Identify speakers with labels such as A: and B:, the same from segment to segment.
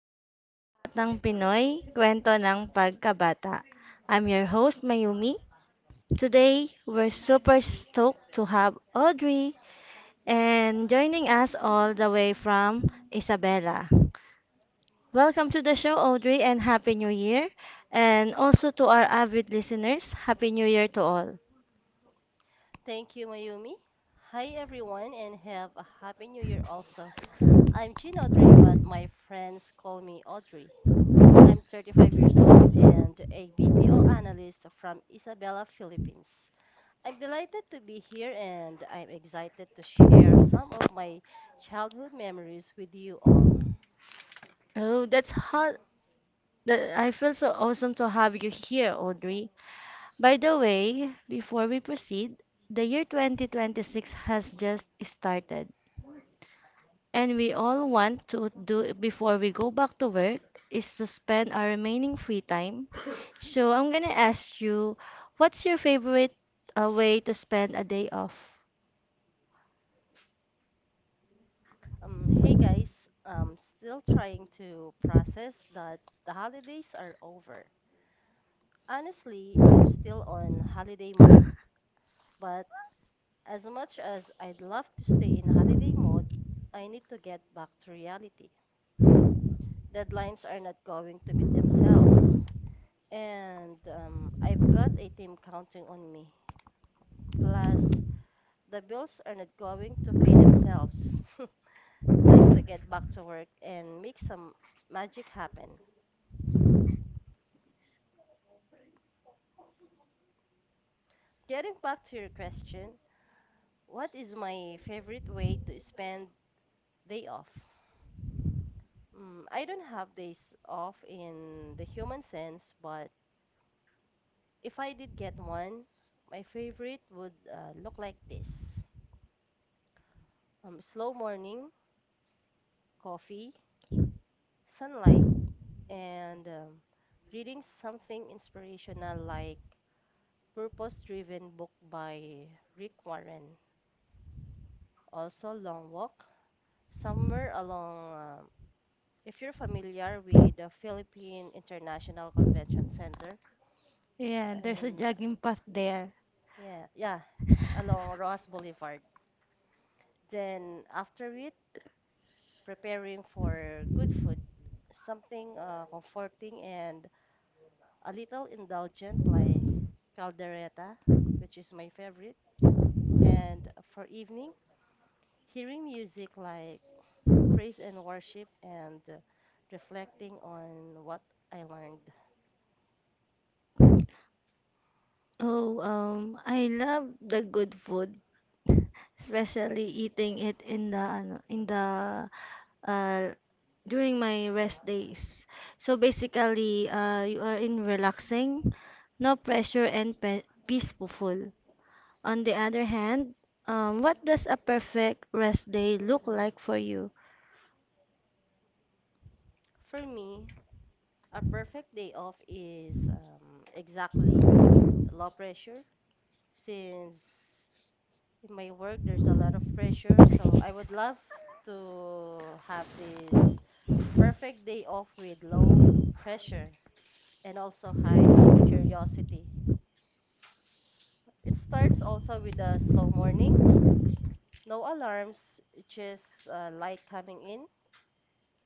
A: Welcome to Batang Pinoy, kwento ng pagkabata. I'm your host, Mayumi. Today, we're super stoked to have Audrey and joining us all the way from Isabela. Welcome to the show, Audrey, and Happy New Year. And also to our avid listeners, Happy New Year to all.
B: Thank you, Mayumi. Hi, everyone, and have a happy new year also. I'm Jean Audrey, but my friends call me Audrey. I'm 35 years old and a BPO analyst from Isabela, Philippines. I'm delighted to be here and I'm excited to share some of my childhood memories with you all.
A: Oh, that's hot. That, I feel so awesome to have you here, Audrey. By the way, before we proceed, the year 2026 has just started, and we all want to do before we go back to work is to spend our remaining free time. So I'm gonna ask you, what's your favorite way to spend a day off?
B: Hey guys, I'm still trying to process that the holidays are over. Honestly, I'm still on holiday mode, but as much as I'd love to stay in holiday mode, I need to get back to reality. Deadlines are not going to meet themselves, and I've got a team counting on me. Plus, the bills are not going to pay themselves. Time to get back to work and make some magic happen. Getting back to your question, what is my favorite way to spend day off? Mm, I don't have days off in the human sense, but if I did get one, my favorite would look like this: slow morning, coffee, sunlight, and reading something inspirational like Purpose Driven book by Rick Warren. Also, long walk somewhere along. If you're familiar with the Philippine International Convention Center,
A: Yeah, there's a
B: and
A: jogging path there.
B: yeah, yeah, along Ross Boulevard. Then after it, preparing for good food, something comforting and a little indulgent, like caldereta, which is my favorite. And for evening, hearing music like praise and worship, and reflecting on what I learned.
A: Oh, I love the good food, especially eating it in the ano, in the uh during my rest days. So basically, you are in relaxing, no pressure and pe peaceful. On the other hand, what does a perfect rest day look like for you?
B: For me, a perfect day off is exactly low pressure, since in my work there's a lot of pressure. So I would love to have this perfect day off with low pressure and also high curiosity. It starts also with a slow morning, no alarms, just light coming in,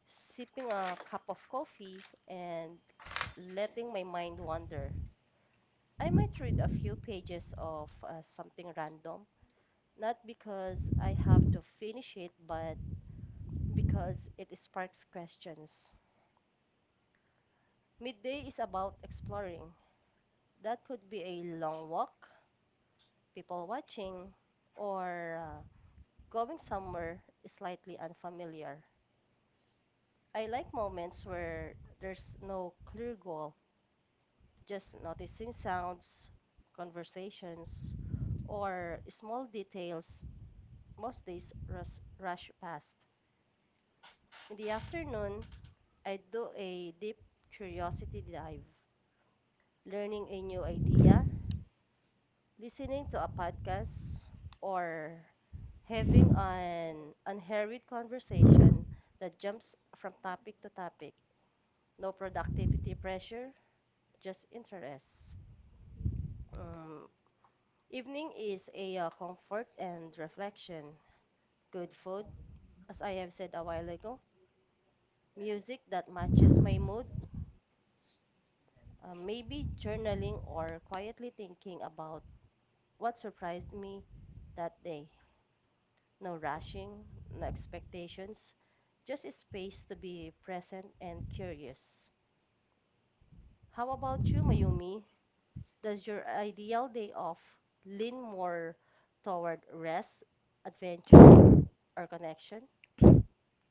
B: sipping a cup of coffee, and letting my mind wander. I might read a few pages of something random, not because I have to finish it, but because it sparks questions. Midday is about exploring. That could be a long walk, people watching, or going somewhere slightly unfamiliar. I like moments where there's no clear goal, just noticing sounds, conversations, or small details most days rush, rush past. In the afternoon, I do a deep curiosity dive, learning a new idea, listening to a podcast, or having an unhurried conversation that jumps from topic to topic. No productivity pressure, just interest. Um, Evening is a comfort and reflection. Good food, as I have said a while ago. Music that matches my mood. Maybe journaling or quietly thinking about what surprised me that day. No rushing, no expectations, just a space to be present and curious. How about you, Mayumi? Does your ideal day off lean more toward rest, adventure, or connection?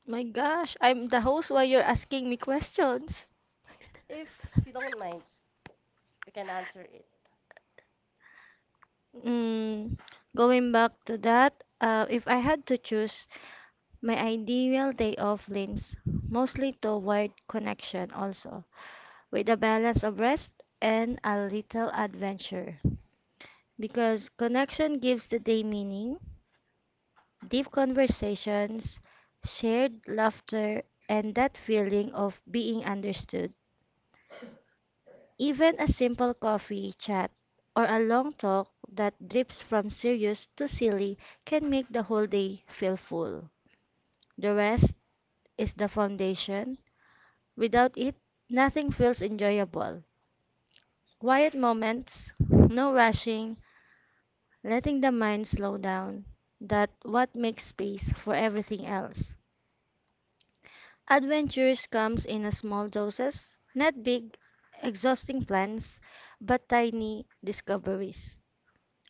A: My gosh, I'm the host while you're asking me questions.
B: If you don't mind, you can answer it.
A: Mm, going back to that, if I had to choose, my ideal day off leans mostly toward connection also, with a balance of rest and a little adventure. Because connection gives the day meaning, deep conversations, shared laughter, and that feeling of being understood. Even a simple coffee chat or a long talk that drifts from serious to silly can make the whole day feel full. The rest is the foundation. Without it, nothing feels enjoyable. Quiet moments, no rushing, letting the mind slow down, that what makes space for everything else. Adventures comes in a small doses, not big, exhausting plans, but tiny discoveries.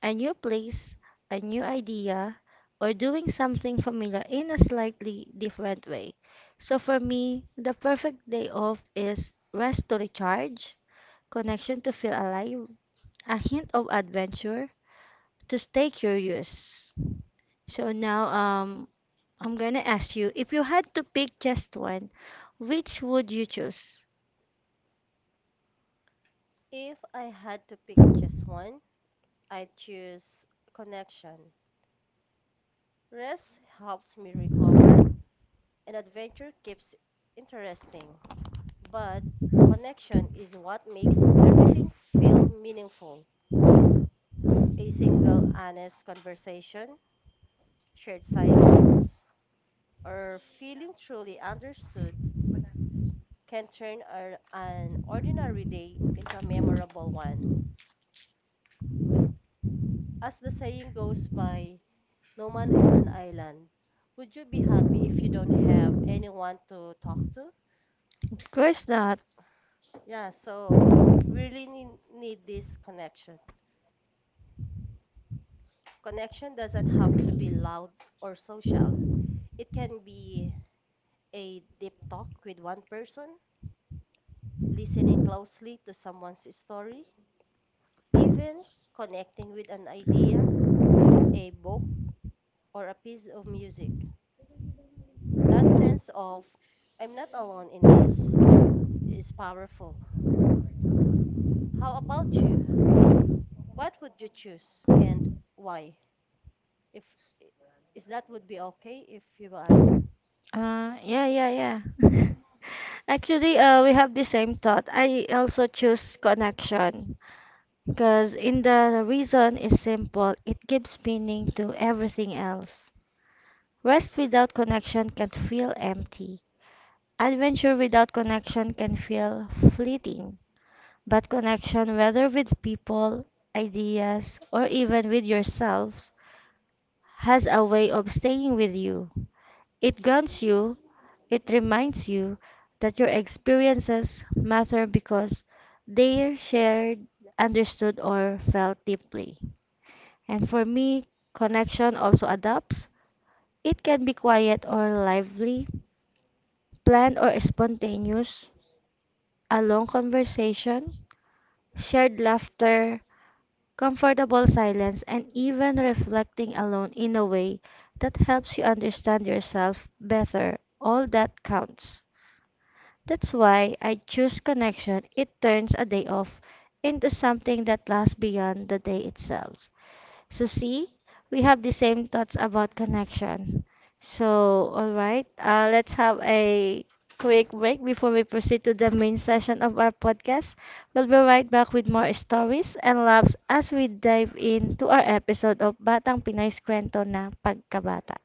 A: A new place, a new idea, or doing something familiar in a slightly different way. So for me, the perfect day off is rest to recharge, connection to feel alive, a hint of adventure to stay curious. So now I'm gonna ask you, if you had to pick just one, which would you choose?
B: If I had to pick just one, I'd choose connection. Rest helps me recover, and adventure keeps interesting. But connection is what makes everything feel meaningful. A single honest conversation, shared silence, or feeling truly understood can turn an ordinary day into a memorable one. As the saying goes by, no man is an island. Would you be happy if you don't have anyone to talk to?
A: Of course not.
B: Yeah, so we really need this connection. Connection doesn't have to be loud or social. It can be a deep talk with one person, listening closely to someone's story, even connecting with an idea, a book, or a piece of music. That sense of I'm not alone in this is powerful. How about you? What would you choose and why? If is that would be okay if you will answer?
A: Yeah, yeah, yeah. Actually, we have the same thought. I also choose connection because in the reason is simple. It gives meaning to everything else. Rest without connection can feel empty. Adventure without connection can feel fleeting, but connection, whether with people, ideas, or even with yourself, has a way of staying with you. It grounds you, it reminds you that your experiences matter because they are shared, understood, or felt deeply. And for me, connection also adapts. It can be quiet or lively, planned or spontaneous, a long conversation, shared laughter, comfortable silence, and even reflecting alone in a way that helps you understand yourself better, all that counts. That's why I choose connection. It turns a day off into something that lasts beyond the day itself. So see, we have the same thoughts about connection. So all right, let's have a quick break before we proceed to the main session of our podcast. We'll be right back with more stories and laughs as we dive into our episode of Batang Pinoy's Kwento na Pagkabata.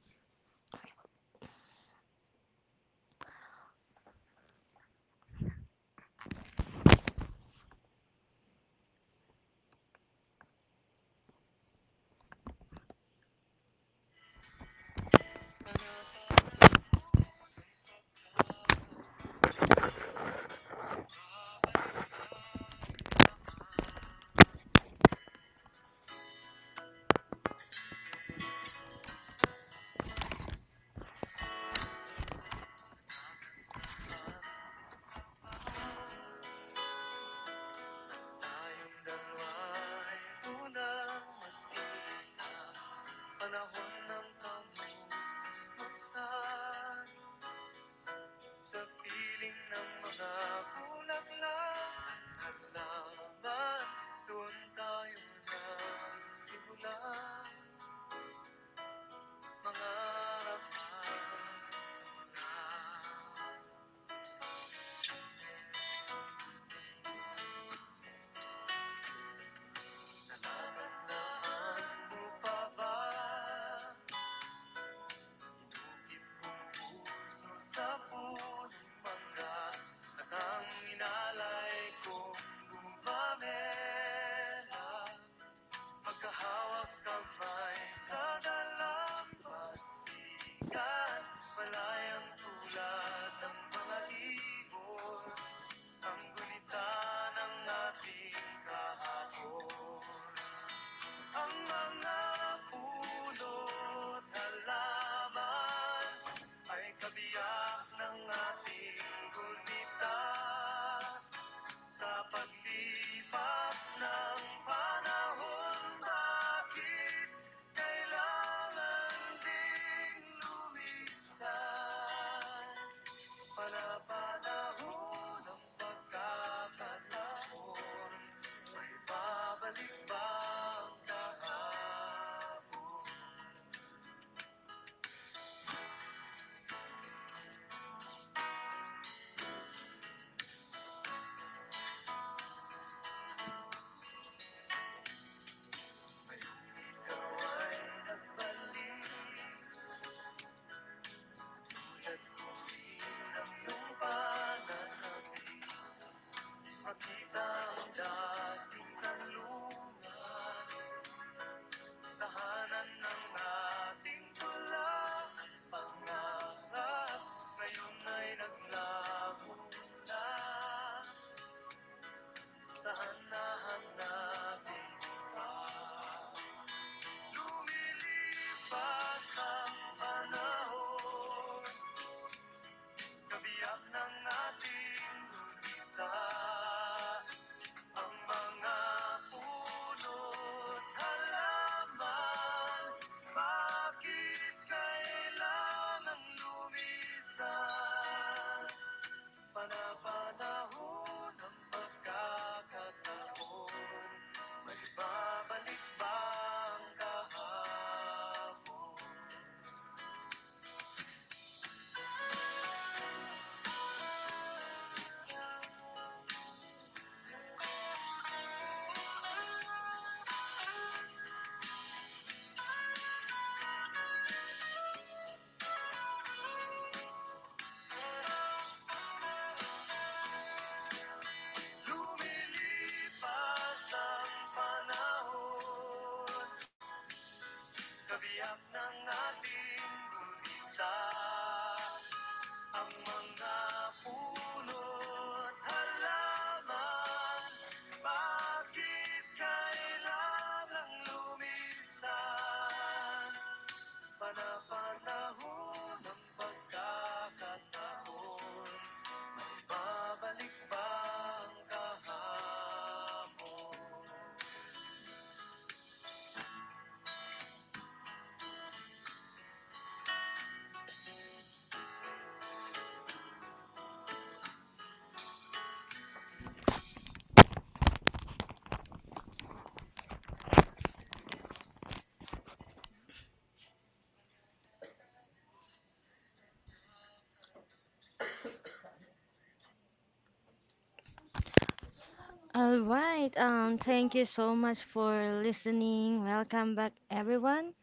A: All right, thank you so much for listening. Welcome back, everyone.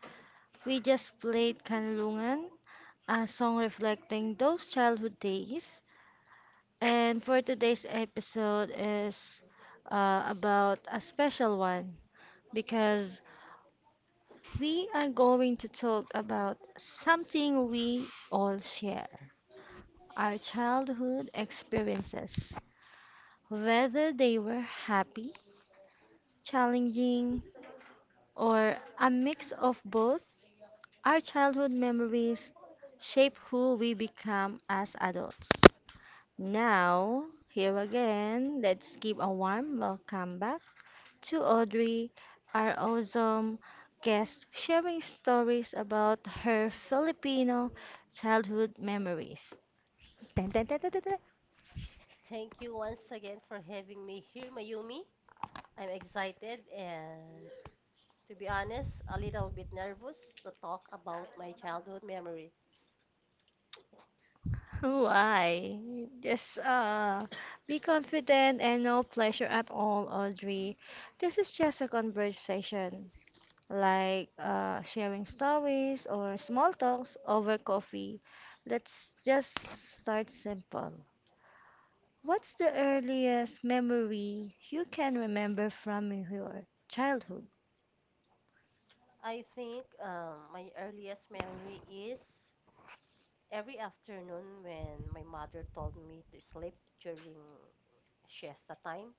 A: We just played Kanlungan, a song reflecting those childhood days. And for today's episode is about a special one, because we are going to talk about something we all share, our childhood experiences, whether they were happy, challenging, or a mix of both. Our childhood memories shape who we become as adults. Now, here again, let's give a warm welcome back to Audrey, our awesome guest, sharing stories about her Filipino childhood memories. Dun, dun, dun, dun, dun, dun.
B: Thank you once again for having me here, Mayumi. I'm excited and to be honest, a little bit nervous to talk about my childhood memories.
A: Why? Just be confident and no pleasure at all, Audrey. This is just a conversation, like sharing stories or small talks over coffee. Let's just start simple. What's the earliest memory you can remember from your childhood?
B: I think my earliest memory is every afternoon when my mother told me to sleep during siesta time.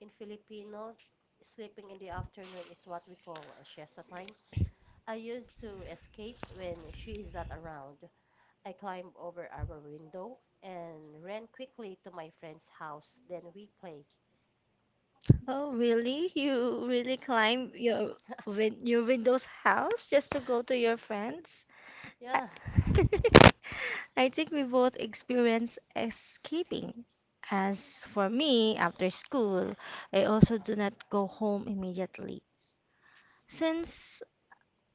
B: In Filipino, sleeping in the afternoon is what we call a siesta time. I used to escape when she is not around. I climbed over our window and ran quickly to my friend's house. Then we play.
A: Oh, really? You really climb your Windows house just to go to your friends? I,
B: Yeah,
A: I think we both experience escaping. As for me, after school, I also do not go home immediately. Since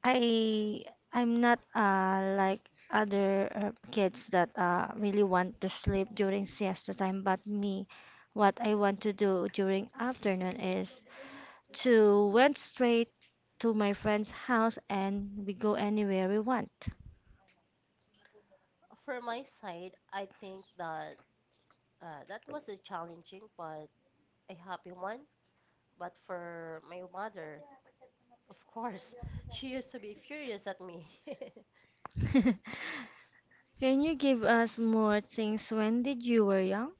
A: I I'm not like other kids that really want to sleep during siesta time, but me, what I want to do during afternoon is to went straight to my friend's house and we go anywhere we want.
B: for my side, I think that that was a challenging but a happy one. But for my mother, of course, she used to be furious at me.
A: Can you give us more things? When did you were young?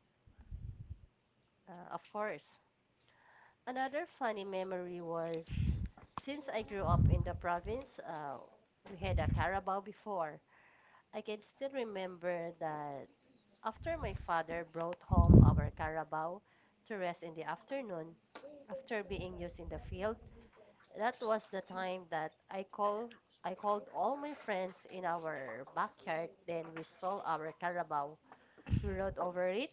B: of course. Another funny memory was, since I grew up in the province, we had a Carabao before. I can still remember that after my father brought home our Carabao to rest in the afternoon, after being used in the field, that was the time that I called all my friends in our backyard. Then we stole our Carabao. We rode over it,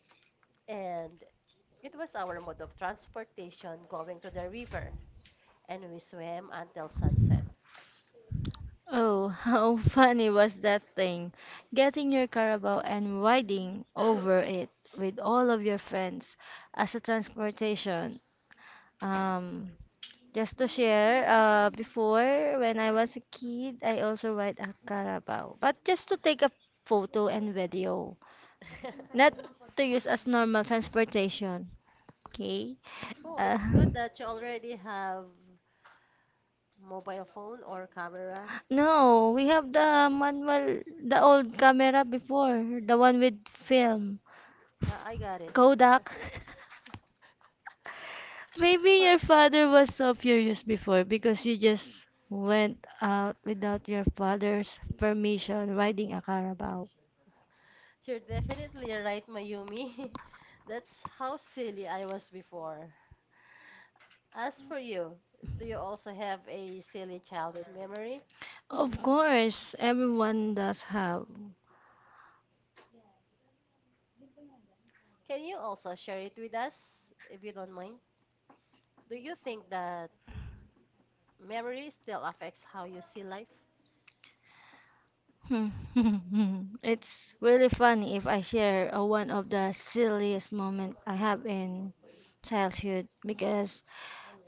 B: and it was our mode of transportation going to the river. And we swam until sunset.
A: Oh, how funny was that thing? Getting your Carabao and riding over it with all of your friends as a transportation. Um, just to share, before when I was a kid, I also ride a Carabao, but just to take a photo and video, not to use as normal transportation. Okay.
B: Oh,
A: Uh,
B: it's good that you already have mobile phone or camera.
A: No, we have the manual, the old camera before, the one with film.
B: I got it.
A: Kodak. Maybe
B: For
A: your father was so furious before because you just went out without your father's permission riding a Carabao.
B: you're definitely right, Mayumi. That's how silly I was before. As for you, do you also have a silly childhood memory?
A: Of course, everyone does have.
B: Can you also share it with us, if you don't mind? Do you think that memory still affects how you see life?
A: It's really funny if I share one of the silliest moment I have in childhood because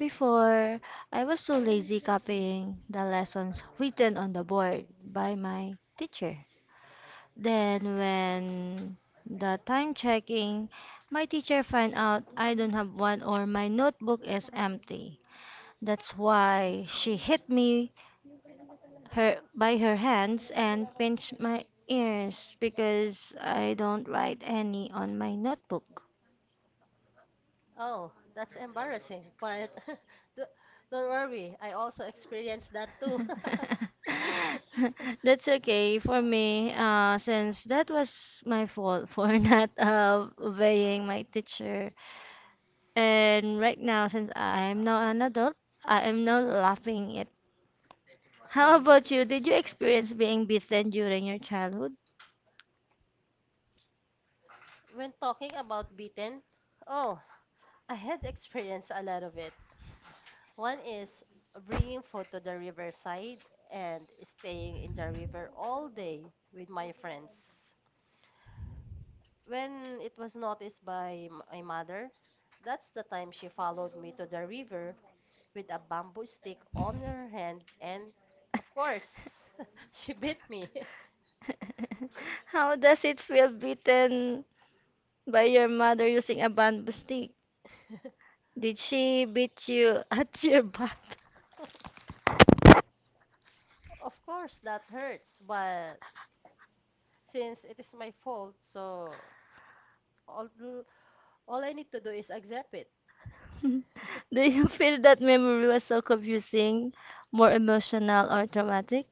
A: before, I was so lazy copying the lessons written on the board by my teacher. Then, when the time checking, my teacher find out I don't have one or my notebook is empty. That's why she hit me her by her hands and pinched my ears because I don't write any on my notebook.
B: Oh, that's embarrassing, but do- don't worry, I also experienced that too.
A: Too. That's okay for me, since that was my fault for not obeying my teacher. And right now, since I'm now an adult, I am now laughing it. How about you? Did you experience being beaten during your childhood?
B: When talking about beaten, oh, I had experienced a lot of it. One is bringing food to the riverside and staying in the river all day with my friends. When it was noticed by my mother, that's the time she followed me to the river with a bamboo stick on her hand, and of course, she bit me.
A: How does it feel beaten by your mother using a bamboo stick? Did she beat you at your back?
B: Of course, that hurts, but since it is my fault, so all, all I need to do is accept it.
A: Do you feel that memory was so confusing, more emotional or traumatic?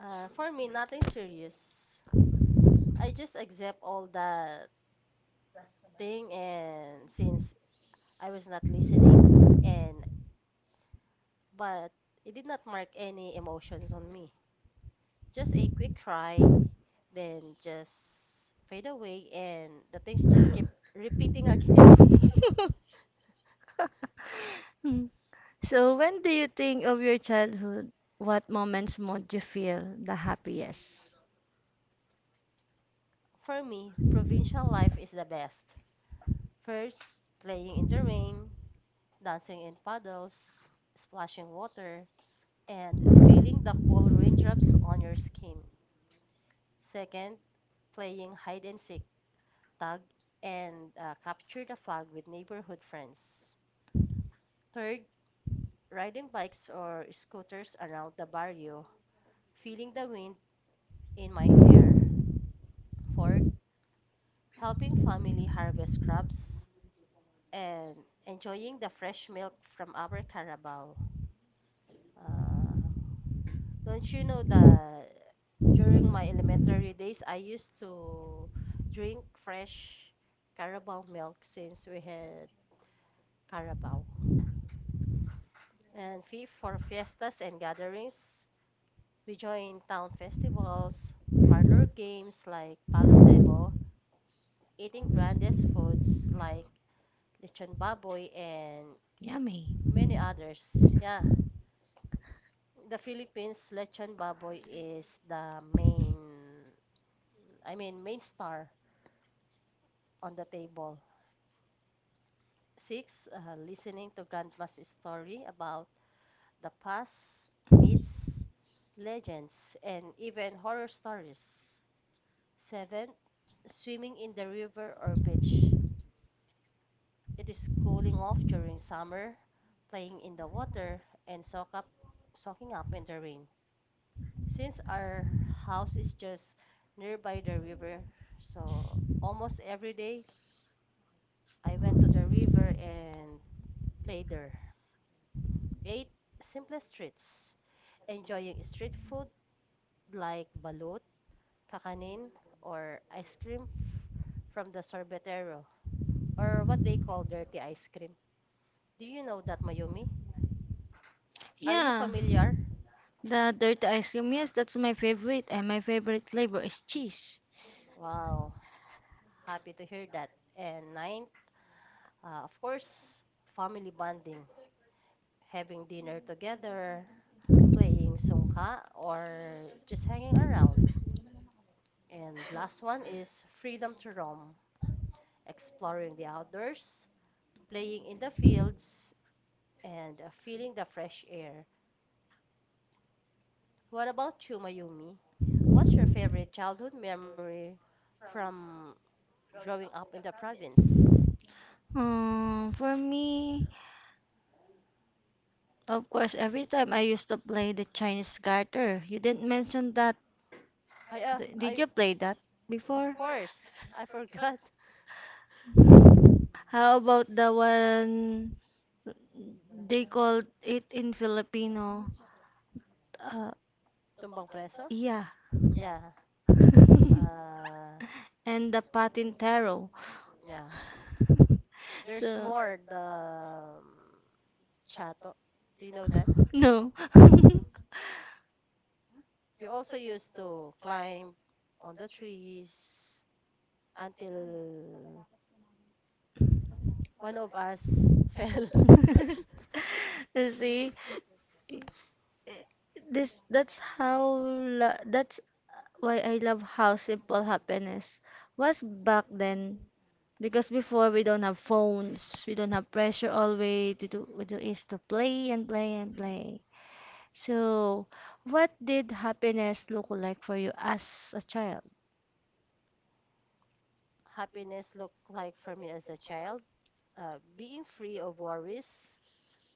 B: For me, nothing serious. I just accept all that thing, and since I was not listening and but it did not mark any emotions on me. Just a quick cry, then just fade away and the things just keep repeating again.
A: Mm. So, when do you think of your childhood? What moments made you feel the happiest?
B: For me, provincial life is the best. First, playing in the rain, dancing in puddles, splashing water, and feeling the cold raindrops on your skin. Second, playing hide and seek, tag, and capture the flag with neighborhood friends. Third, riding bikes or scooters around the barrio, feeling the wind in my hair. Fourth, helping family harvest crops and enjoying the fresh milk from our carabao. Uh, don't you know that during my elementary days, I used to drink fresh carabao milk since we had carabao. And fifth, for fiestas and gatherings, we join town festivals, parlor games like Palosebo, eating grandest foods like lechon baboy and
A: Yummy.
B: many others. Yeah, in the Philippines lechon baboy is the main, I mean, main star on the table. Six, listening to grandma's story about the past, myths, legends, and even horror stories. Seventh, swimming in the river or beach. It is cooling off during summer, playing in the water, and soaking up in the rain. Since our house is just nearby the river, so almost every day I went to the river and played there. Eight, simplest treats. Enjoying street food like balut, kakanin, or ice cream from the sorbetero, or what they call dirty ice cream. Do you know that, Mayumi? Are you
A: Yeah.
B: familiar?
A: The dirty ice cream, yes, that's my favorite, and my favorite flavor is cheese.
B: Wow, happy to hear that. And ninth, of course, family bonding, having dinner together, playing sungka, or just hanging around. And last one is freedom to roam, exploring the outdoors, playing in the fields, and feeling the fresh air. What about you, Mayumi? What's your favorite childhood memory from growing up in the province?
A: For me, of course, every time I used to play the Chinese garter. You didn't mention that.
B: I uh,
A: Did
B: I
A: you play that
B: of
A: before?
B: course I forgot.
A: How about the one they called it in Filipino? Uh,
B: Tumbang preso?
A: yeah.
B: Yeah. Uh,
A: And the patintero.
B: yeah. There's
A: So,
B: more the um, chato. Do you know that?
A: no.
B: You also used to climb on the trees until one of us fell.
A: You see, I- I- this, that's how that's why I love how simple happiness was back then. Because before we don't have phones, we don't have pressure always. We do is to play and play and play. So, what did happiness look like for you as a child?
B: Happiness looked like for me as a child, being free of worries,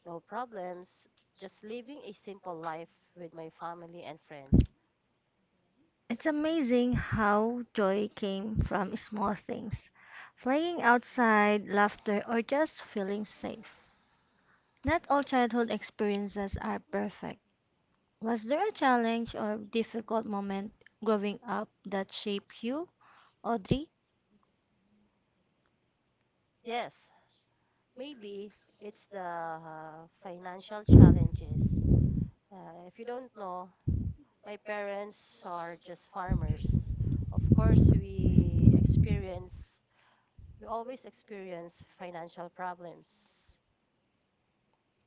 B: no problems, just living a simple life with my family and friends.
A: It's amazing how joy came from small things. Playing outside, laughter, or just feeling safe. Not all childhood experiences are perfect. Was there a challenge or difficult moment growing up that shaped you, Audrey?
B: Yes, maybe it's the financial challenges. If you don't know, my parents are just farmers. Of course, we experience, we always experience financial problems.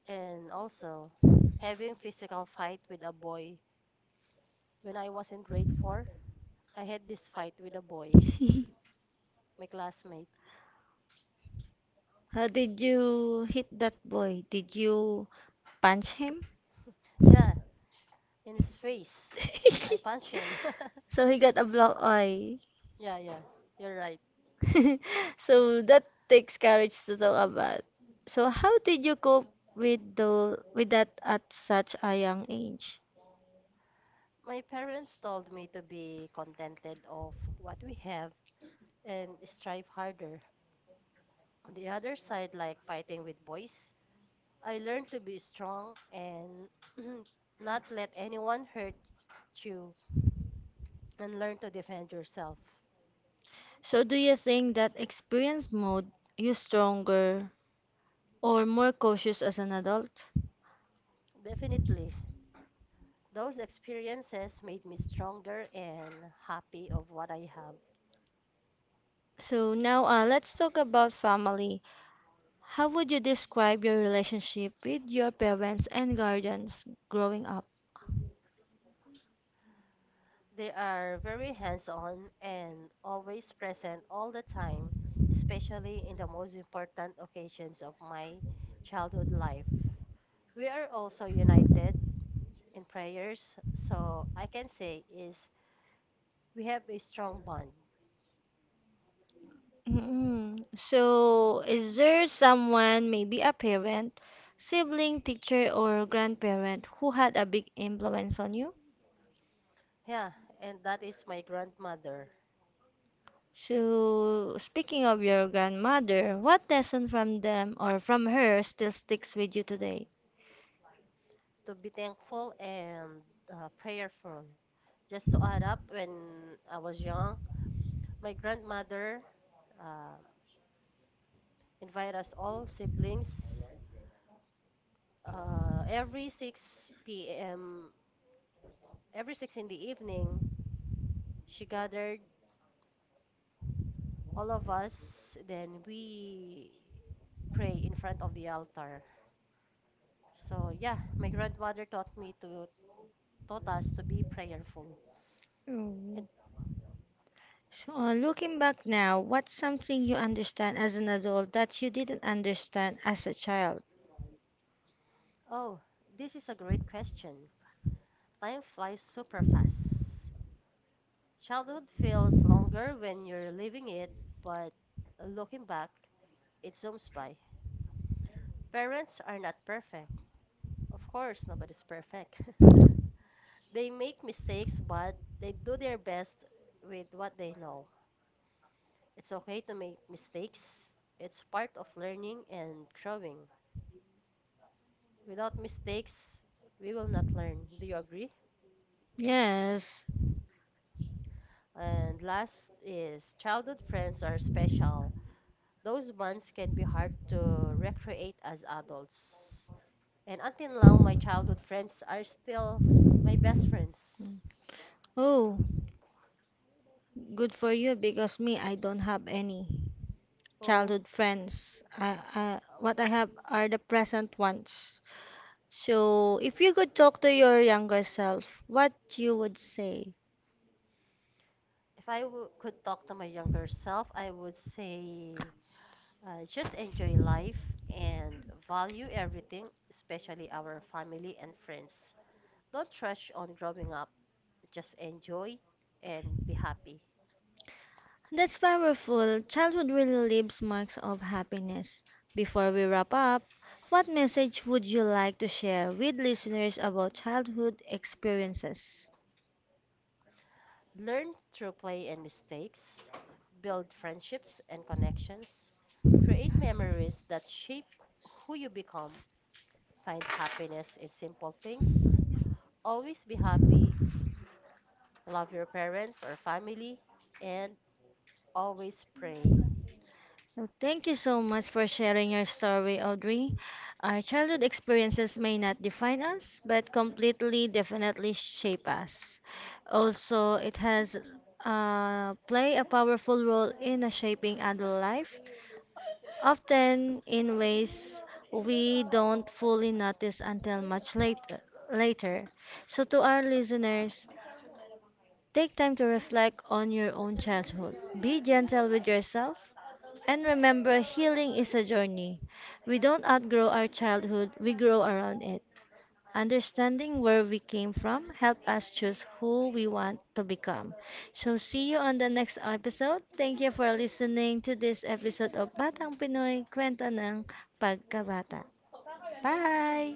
B: And also, having physical fight with a boy. When I was in grade 4, I had this fight with a boy, my classmate.
A: How did you hit that boy? Did you punch him?
B: Yeah, in his face. I punched him.
A: So he got a block eye.
B: Yeah, yeah, you're right.
A: So that takes courage to talk about. So how did you cope with the with that at such a young age?
B: My parents told me to be contented of what we have and strive harder. On the other side, like fighting with boys, I learned to be strong and not let anyone hurt you and learn to defend yourself.
A: So do you think that experience mode you stronger or more cautious as an adult?
B: Definitely, those experiences made me stronger and happy of what I have.
A: So now let's talk about family. How would you describe your relationship with your parents and guardians growing up?
B: They are very hands on and always present all the time, especially in the most important occasions of my childhood life. We are also united in prayers, so I can say is we have a strong bond.
A: Mm-mm. So, is there someone, maybe a parent, sibling, teacher, or grandparent, who had a big influence on you?
B: Yeah, and that is my grandmother.
A: So, speaking of your grandmother, what lesson from them or from her still sticks with you today?
B: To be thankful and prayerful. Just to add up, when I was young, my grandmother um, invited us all siblings every 6 p.m., every 6 in the evening, she gathered all of us. Then we pray in front of the altar. So yeah, my grandmother taught me to taught us to be prayerful. And
A: Mm. So, looking back now, what's something you understand as an adult that you didn't understand as a child?
B: oh, this is a great question. Time flies super fast. Childhood feels longer when you're living it, but looking back, it zooms by. Parents are not perfect. Of course, nobody's perfect. They make mistakes, but they do their best with what they know. It's okay to make mistakes. It's part of learning and growing. Without mistakes, we will not learn. Do you agree?
A: Yes.
B: And last is childhood friends are special. Those bonds can be hard to recreate as adults. And until now, my childhood friends are still my best friends.
A: Oh, good for you, because me, I don't have any
B: Oh,
A: childhood friends. What I have are the present ones. So, if you could talk to your younger self, what you would say?
B: if could talk to my younger self, I would say just enjoy life and value everything, especially our family and friends. Don't rush on growing up, just enjoy and be happy.
A: That's powerful. Childhood really leaves marks of happiness. Before we wrap up, what message would you like to share with listeners about childhood experiences?
B: Learn through play and mistakes, build friendships and connections, create memories that shape who you become, find happiness in simple things, always be happy, love your parents or family, and always pray.
A: Well, thank you so much for sharing your story, Audrey. Our childhood experiences may not define us, but completely, definitely shape us. Also, it has play a powerful role in a shaping adult life, often in ways we don't fully notice until much later. Later, so to our listeners, take time to reflect on your own childhood. Be gentle with yourself. And remember, healing is a journey. We don't outgrow our childhood, we grow around it. Understanding where we came from help us choose who we want to become. So see you on the next episode. Thank you for listening to this episode of Batang Pinoy Kwento ng Pagkabata. Bye!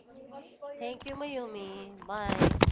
B: Thank you, Mayumi. Bye.